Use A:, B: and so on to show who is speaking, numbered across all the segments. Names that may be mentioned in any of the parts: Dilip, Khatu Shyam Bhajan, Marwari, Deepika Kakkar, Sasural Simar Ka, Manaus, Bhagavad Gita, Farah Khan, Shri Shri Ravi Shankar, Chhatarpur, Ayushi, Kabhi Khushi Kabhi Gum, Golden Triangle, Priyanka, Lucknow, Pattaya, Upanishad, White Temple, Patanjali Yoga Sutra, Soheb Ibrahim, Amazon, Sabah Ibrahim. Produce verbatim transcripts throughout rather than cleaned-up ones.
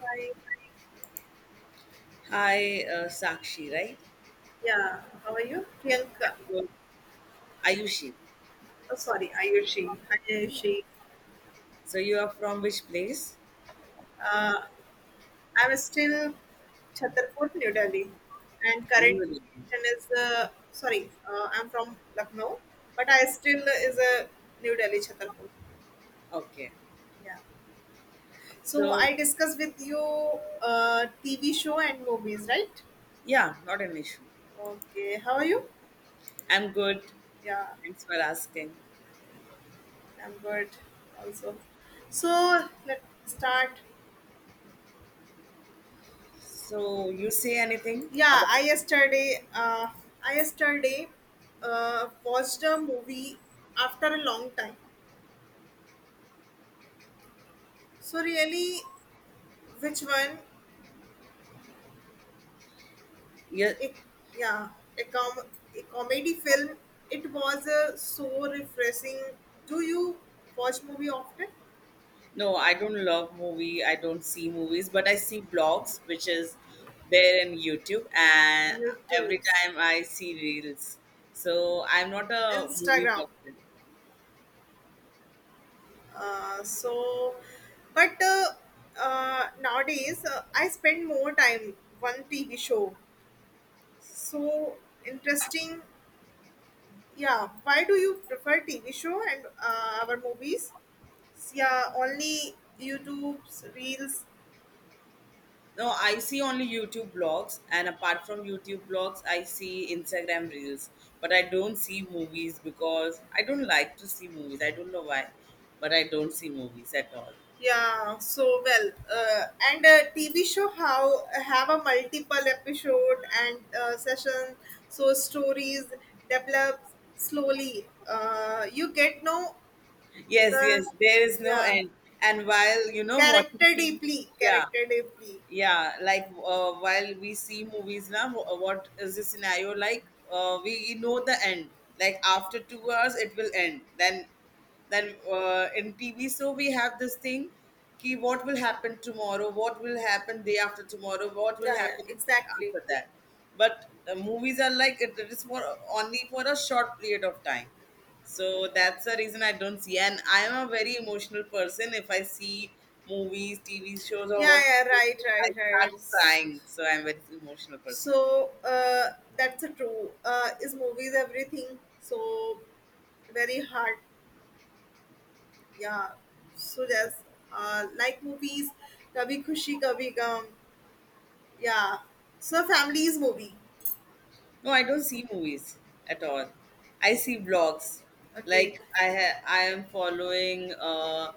A: Hi.
B: Hi, uh, Sakshi, right?
A: Yeah. How are you, Priyanka?
B: You- Ayushi.
A: Oh, sorry, Ayushi. Hi, Ayushi.
B: So you are from which place?
A: Uh, I'm still Chhatarpur, New Delhi, and current
B: Ayuri.
A: location is, uh, sorry. Uh, I'm from Lucknow, but I still is a New Delhi Chhatarpur.
B: Okay.
A: Yeah. So
B: So
A: I discussed with you, uh, T V show and movies, right?
B: yeah, not an issue.
A: Okay. How are you?
B: I'm good.
A: Yeah,
B: Thanks for asking.
A: I'm good. Also, so let's start.
B: So you say anything
A: Yeah,
B: about
A: I yesterday, uh, I yesterday uh, watched a movie after a long time. So really, which one?
B: yeah?
A: It, yeah, a com a comedy film. It was, uh, so refreshing. Do you watch movie often?
B: No, I don't love movie. I don't see movies, but I see blogs, which is there in YouTube, and every
A: YouTube,
B: time I see reels. So I'm not a movie
A: Instagram.
B: person.
A: Uh, so, but uh, uh, nowadays, uh, I spend more time one T V show. So interesting. Yeah, why do you prefer T V show and, uh, our movies? Yeah, only YouTube's reels.
B: No, I see only YouTube blogs, and apart from YouTube blogs, I see Instagram reels. But I don't see movies because I don't like to see movies. I don't know why, but I don't see movies at all.
A: Yeah, so well. Uh, and, uh, T V show how have a multiple episode and, uh, session, so stories develop slowly. Uh, you get know
B: Yes, yes,
A: the,
B: there is no
A: yeah,
B: end. And while you know watching
A: character
B: T V,
A: deeply,
B: yeah,
A: character deeply.
B: yeah, like uh, while we see movies now, wh- what is the scenario like? Uh, we know the end, like after two hours it will end, then then uh, in TV, so we have this thing ki what will happen tomorrow, what will happen day after tomorrow, what will
A: Yeah, yeah,
B: happen
A: exactly.
B: after that. But uh, movies are like, it, it is for only for a short period of time, so that's the reason I don't see. And I am a very emotional person. If I see movies, T V shows, or
A: Yeah,
B: what's,
A: yeah, right,
B: I
A: right, right.
B: start crying. So I'm a very emotional person.
A: So, uh, that's a true. Uh, is movies everything? So very hard. Yeah. So yes, uh, like movies, Kabhi Khushi Kabhi Gum. Yeah. So families movie.
B: No, I don't see movies at all. I see vlogs.
A: Okay.
B: Like I ha- I am following. Uh,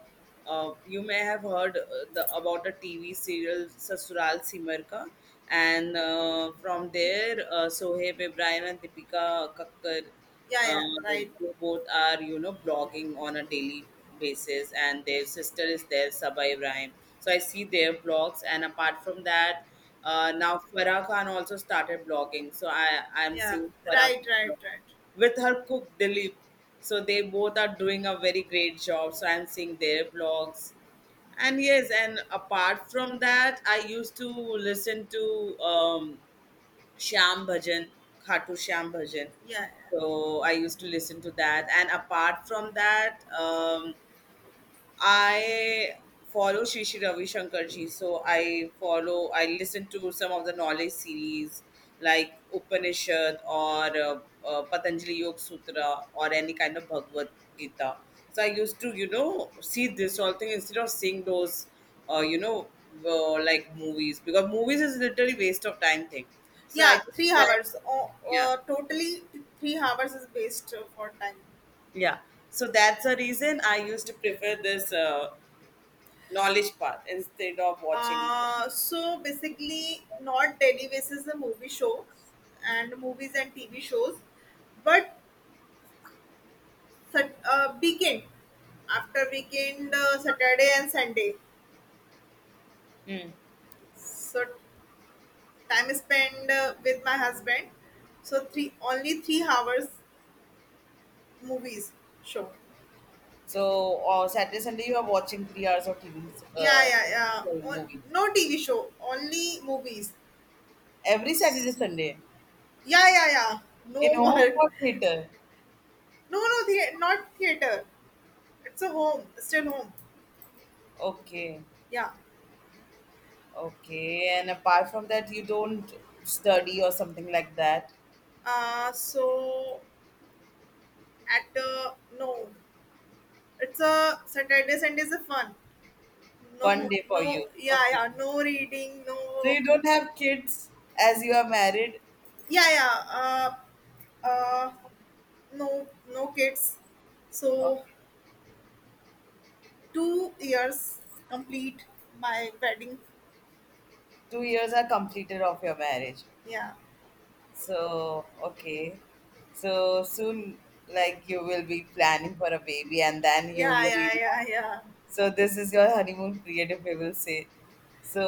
B: uh, You may have heard uh, the about a T V serial Sasural Simar Ka, and uh, from there, uh, Soheb Ibrahim and Deepika Kakkar,
A: Yeah. Yeah.
B: uh,
A: Right.
B: they both are, you know, blogging on a daily basis, and their sister is there, Sabah Ibrahim. So I see their blogs, and apart from that. Uh, now Farah Khan also started blogging, so I I'm
A: Yeah.
B: seeing Farah
A: Right.
B: Khan
A: Right.
B: blog
A: Right.
B: with her cook Dilip. So they both are doing a very great job. So I'm seeing their blogs, and yes, and apart from that, I used to listen to um, Shyam Bhajan, Khatu Shyam Bhajan.
A: Yeah.
B: So I used to listen to that, and apart from that. Um, I follow Shri Shri Ravi Shankar ji, so I follow, I listen to some of the knowledge series like Upanishad or uh, uh, Patanjali Yoga Sutra or any kind of Bhagavad Gita. So I used to, you know, see this all thing instead of seeing those, uh, you know, uh, like movies, because movies is literally waste of time thing. So I
A: Yeah.
B: just
A: Three
B: spent,
A: hours. Oh,
B: yeah,
A: uh, totally, th- three hours is waste, uh, for time.
B: yeah. So that's the reason I used to prefer this uh, knowledge path instead of watching.
A: Uh, so basically, not televises the movie show and movies and T V shows, but sat- uh, weekend after weekend, uh, Saturday and Sunday.
B: Mm.
A: So time is spent, uh, with my husband. So three only three hours movies show.
B: So uh, Saturday Sunday you are watching three hours of T V,
A: Yeah,
B: uh,
A: yeah, yeah.
B: sorry,
A: On-
B: movies
A: No T V show, only movies.
B: every Saturday
A: S-
B: Sunday
A: Yeah, yeah, yeah.
B: in
A: No
B: home
A: work.
B: or theater.
A: No, no, the- not theater. It's a home, still home.
B: Okay,
A: Yeah.
B: okay. And apart from that, you don't study or something like that.
A: Uh, so at, uh, no, it's a Saturday Sundays are fun.
B: One
A: No,
B: day for
A: no,
B: you.
A: yeah,
B: Okay.
A: yeah, no reading,
B: So
A: no,
B: you don't have kids as you are married.
A: yeah, yeah. Uh, uh, no, no kids. So
B: Okay.
A: two years complete my wedding.
B: Two years are completed of your marriage.
A: Yeah,
B: So okay. So soon, like you will be planning for a baby, and then you
A: yeah,
B: will be.
A: yeah, yeah, yeah,
B: So this is your honeymoon period, if we will say. So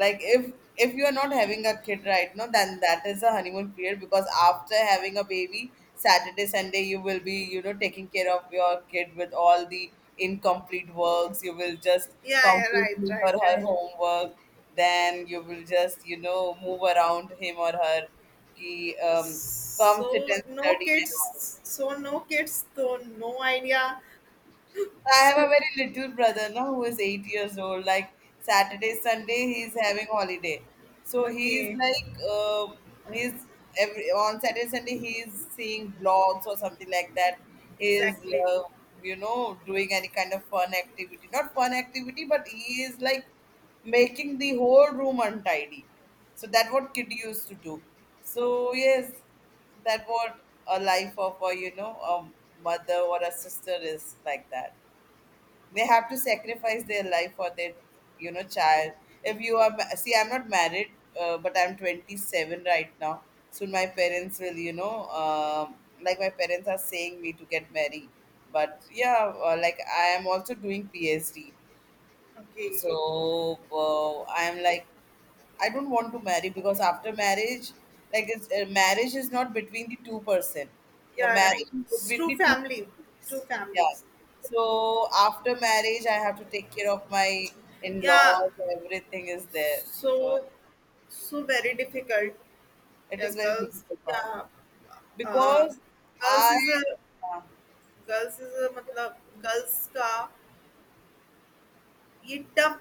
B: like, if if you are not having a kid right now, then that is a honeymoon period, because after having a baby, Saturday Sunday you will be, you know, taking care of your kid. With all the incomplete works you will just
A: yeah, yeah.
B: complete
A: Right,
B: his
A: right,
B: or her
A: right.
B: homework, then you will just, you know, move around him or her. He um, come sit
A: So
B: and
A: no
B: study and
A: kids.
B: all.
A: So no kids. So no idea.
B: I have a
A: So
B: very little brother now who is eight years old. Like Saturday, Sunday, he's having holiday. So he's
A: okay.
B: like, um he's every on Saturday, Sunday, he's seeing blogs or something like that. He's,
A: Exactly.
B: uh, you know, doing any kind of fun activity. Not fun activity, but he is like making the whole room untidy. So that what kid used to do. So yes, that what a life of a, you know, a mother or a sister is like that. They have to sacrifice their life for their, you know, child. If you are ma- see, I'm not married, uh, but I'm twenty-seven right now. Soon my parents will, you know, um, like my parents are saying me to get married, but yeah, uh, like I am also doing P H D.
A: Okay.
B: So uh, I'm like, I don't want to marry, because after marriage, like it's uh, marriage is not between the two person. The
A: Yeah, right.
B: marriage is
A: It's
B: between
A: two
B: the two
A: family, two
B: families. Yeah.
A: families.
B: So after marriage, I have to take care of my
A: Yeah.
B: in-laws. Everything is there. So
A: So, so very difficult.
B: it
A: Yeah,
B: is very
A: girls.
B: difficult part
A: Yeah. Uh,
B: because
A: girls
B: I
A: is a
B: uh,
A: girls is a मतलब girls का ये tough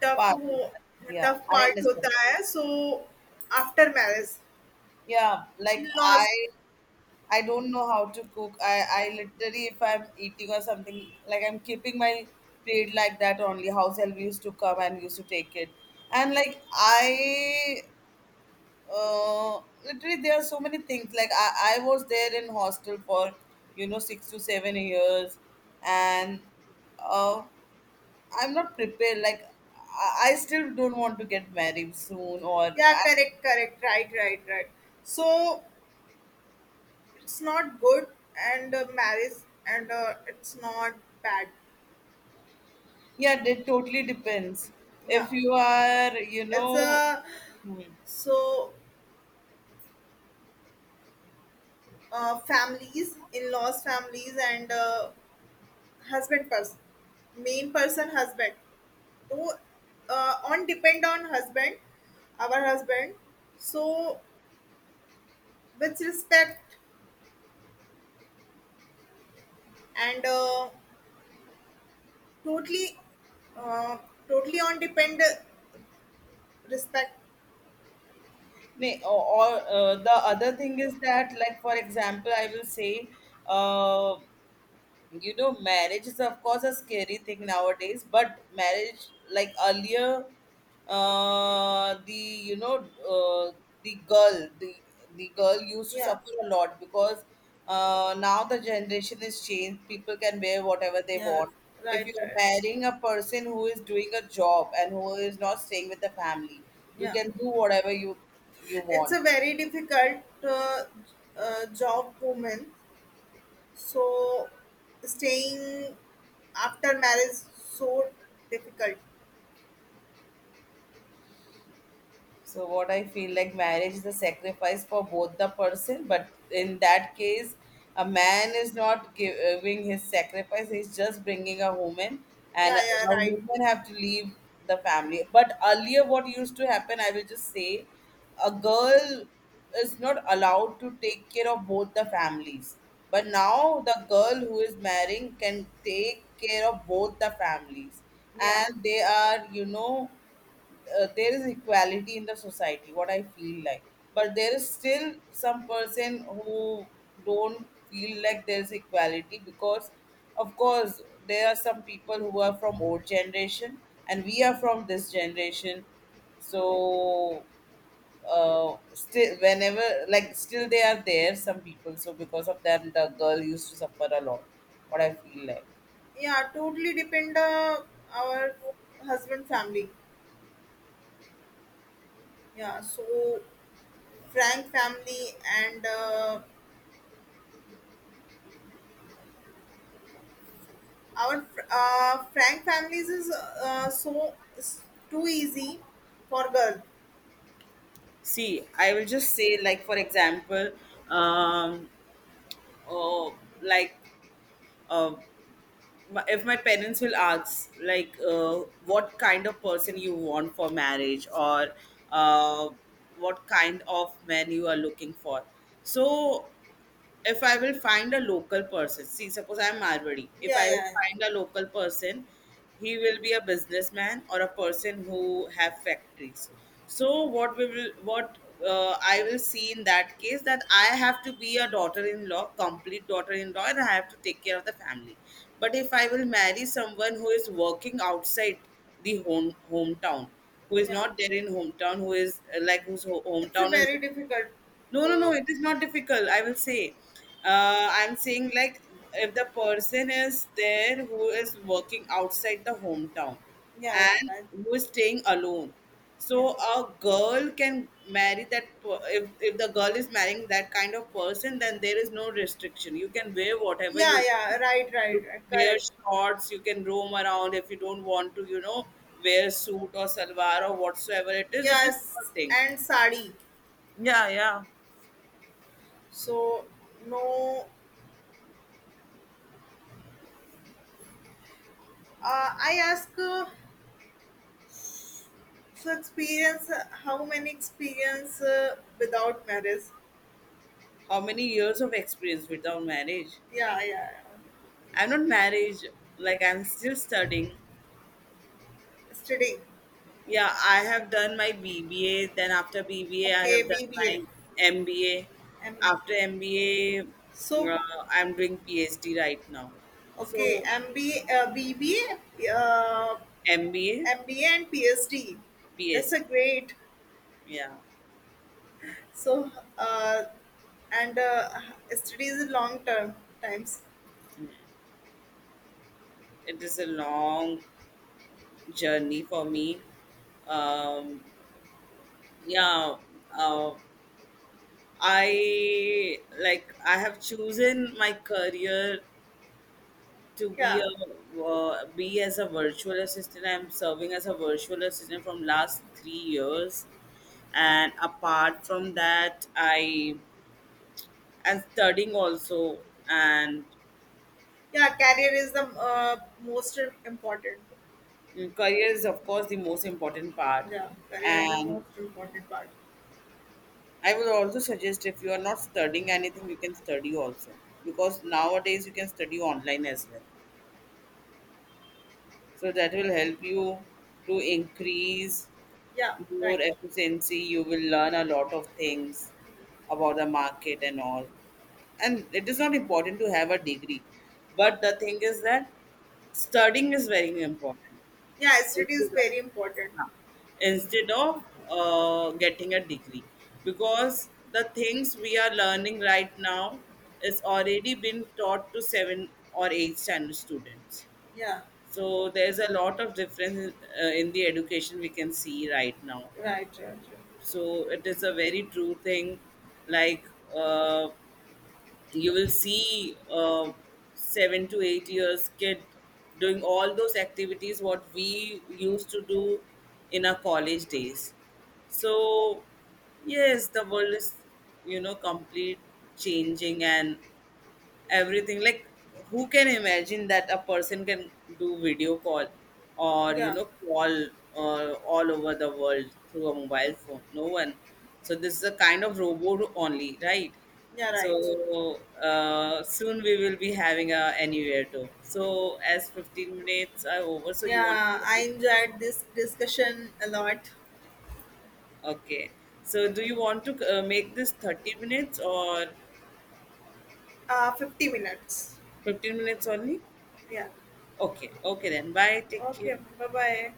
A: tough
B: part.
A: हो
B: Yeah,
A: tough
B: I
A: part
B: understand.
A: होता है. So after marriage,
B: Yeah,
A: in
B: like I
A: laws.
B: I don't know how to cook. I, I literally, if I'm eating or something, like I'm keeping my plate like that only. House help used to come and used to take it. And like, I, uh, literally, there are so many things. Like, I, I was there in hostel for, you know, six to seven years. And uh, I'm not prepared. Like, I, I still don't want to get married soon. Or,
A: Yeah,
B: I,
A: correct, correct. Right, right, right. So it's not good, and, uh, marriage, and, uh, it's not bad,
B: yeah, it totally depends.
A: yeah,
B: If you are, you
A: it's
B: know,
A: a,
B: hmm.
A: so, uh, families, in-laws families, and, uh, husband person, main person husband, so, uh, on depend on husband, our husband, so with respect, and, uh, totally, uh, totally on depend respect,
B: Nay, or, or uh, the other thing is that, like for example, I will say, uh, you know, marriage is of course a scary thing nowadays, but marriage like earlier, uh the, you know, uh, the girl, the the girl used to
A: yeah,
B: suffer a lot, because uh, now the generation is changed, people can wear whatever they
A: yeah,
B: want. If
A: right,
B: you are
A: right,
B: marrying a person who is doing a job and who is not staying with the family, you
A: yeah,
B: can do whatever you you
A: it's
B: want.
A: a very difficult, uh, uh, job woman. So staying after marriage so difficult.
B: So what I feel like marriage is a sacrifice for both the person, but in that case, a man is not giving his sacrifice; he's just bringing a woman, and
A: Yeah,
B: a
A: yeah, right.
B: woman have to leave the family. But earlier, what used to happen, I will just say, a girl is not allowed to take care of both the families. But now the girl who is marrying can take care of both the families,
A: Yeah.
B: and they are, you know, uh, there is equality in the society, what I feel like. But there is still some person who don't feel like there is equality, because of course there are some people who are from old generation, and we are from this generation. So uh, still whenever, like still they are there some people, so because of them the girl used to suffer a lot, what I feel like.
A: Yeah, totally depend, uh, our husband family. Yeah, so Frank family and uh, our fr- uh, Frank families is, uh, so it's too easy for girl.
B: See, I will just say, like for example, um uh, like uh, my- if my parents will ask like, uh, what kind of person you want for marriage, or uh, what kind of man you are looking for. So if I will find a local person, see, suppose I'm Marwari, if
A: Yeah,
B: I
A: yeah,
B: will
A: yeah.
B: find a local person, he will be a businessman or a person who have factories. So what we will, what uh, I will see in that case that I have to be a daughter-in-law, complete daughter-in-law, and I have to take care of the family. But if I will marry someone who is working outside the home hometown, who is
A: Yeah.
B: not there in hometown, who is uh, like whose ho-
A: It's a
B: hometown is,
A: very difficult.
B: no, no, no,
A: Uh,
B: it is not difficult. I will say. Uh, I'm saying, like, if the person is there who is working outside the hometown
A: yeah, yeah,
B: and
A: right.
B: who is staying alone.
A: Yeah.
B: So, a girl can marry that. per- If, if the girl is marrying that kind of person, then there is no restriction. You can wear whatever
A: Yeah,
B: you
A: yeah, right, right,
B: you
A: right,
B: can wear
A: correct.
B: shorts, you can roam around. If you don't want to, you know, wear suit or salwar or whatsoever it is. It is
A: Yes,
B: nothing.
A: and sari.
B: Yeah, yeah.
A: So no, uh, I ask, uh, so experience, uh, how many experience, uh, without marriage?
B: How many years of experience without marriage?
A: Yeah, yeah. Yeah.
B: I'm not married, like I'm still studying.
A: Studying.
B: Yeah, I have done my B B A, then after BBA, I
A: Okay,
B: have done
A: B B A.
B: my M B A.
A: And
B: After M B A,
A: so
B: uh, I'm doing P H D right now.
A: okay,
B: So,
A: MBA, uh, BBA, uh,
B: M B A,
A: M B A and P H D. That's
B: P H D.
A: a great.
B: Yeah,
A: So, uh, and, uh, studies long term times.
B: it is a long journey for me. Um, yeah, uh, I like I have chosen my career to be
A: Yeah.
B: a uh, be as a virtual assistant. I'm serving as a virtual assistant from last three years, and apart from that, I am studying also, and
A: Yeah, career is the, uh, most important.
B: career is of course the most important part.
A: Yeah, career is the
B: And
A: most important part.
B: I would also suggest if you are not studying anything, you can study also, because nowadays you can study online as well. So that will help you to increase
A: Yeah,
B: more
A: right.
B: efficiency. You will learn a lot of things about the market and all. And it is not important to have a degree, but the thing is that studying is very important
A: Yeah,
B: instead
A: study is
B: of,
A: very important.
B: yeah, instead of uh, getting a degree, because the things we are learning right now is already been taught to seven or eight standard students.
A: Yeah,
B: So there's a lot of difference uh, in the education we can see right now.
A: right, right, right.
B: So it is a very true thing. Like uh, you will see uh, seven to eight years kid doing all those activities what we used to do in our college days. So yes, the world is, you know, complete changing and everything. Like, who can imagine that a person can do video call or, you
A: Yeah,
B: know, call uh, all over the world through a mobile phone? No one. So this is a kind of robot only, right?
A: yeah,
B: So
A: right.
B: uh, soon we will be having a anywhere too. So as fifteen minutes are over, so you want
A: Yeah,
B: to,
A: I enjoyed this discussion a lot.
B: okay, so do you want to uh, make this thirty minutes or
A: Uh, fifty minutes.
B: fifteen minutes only?
A: Yeah.
B: Okay, okay, then bye, take care.
A: Okay, bye bye.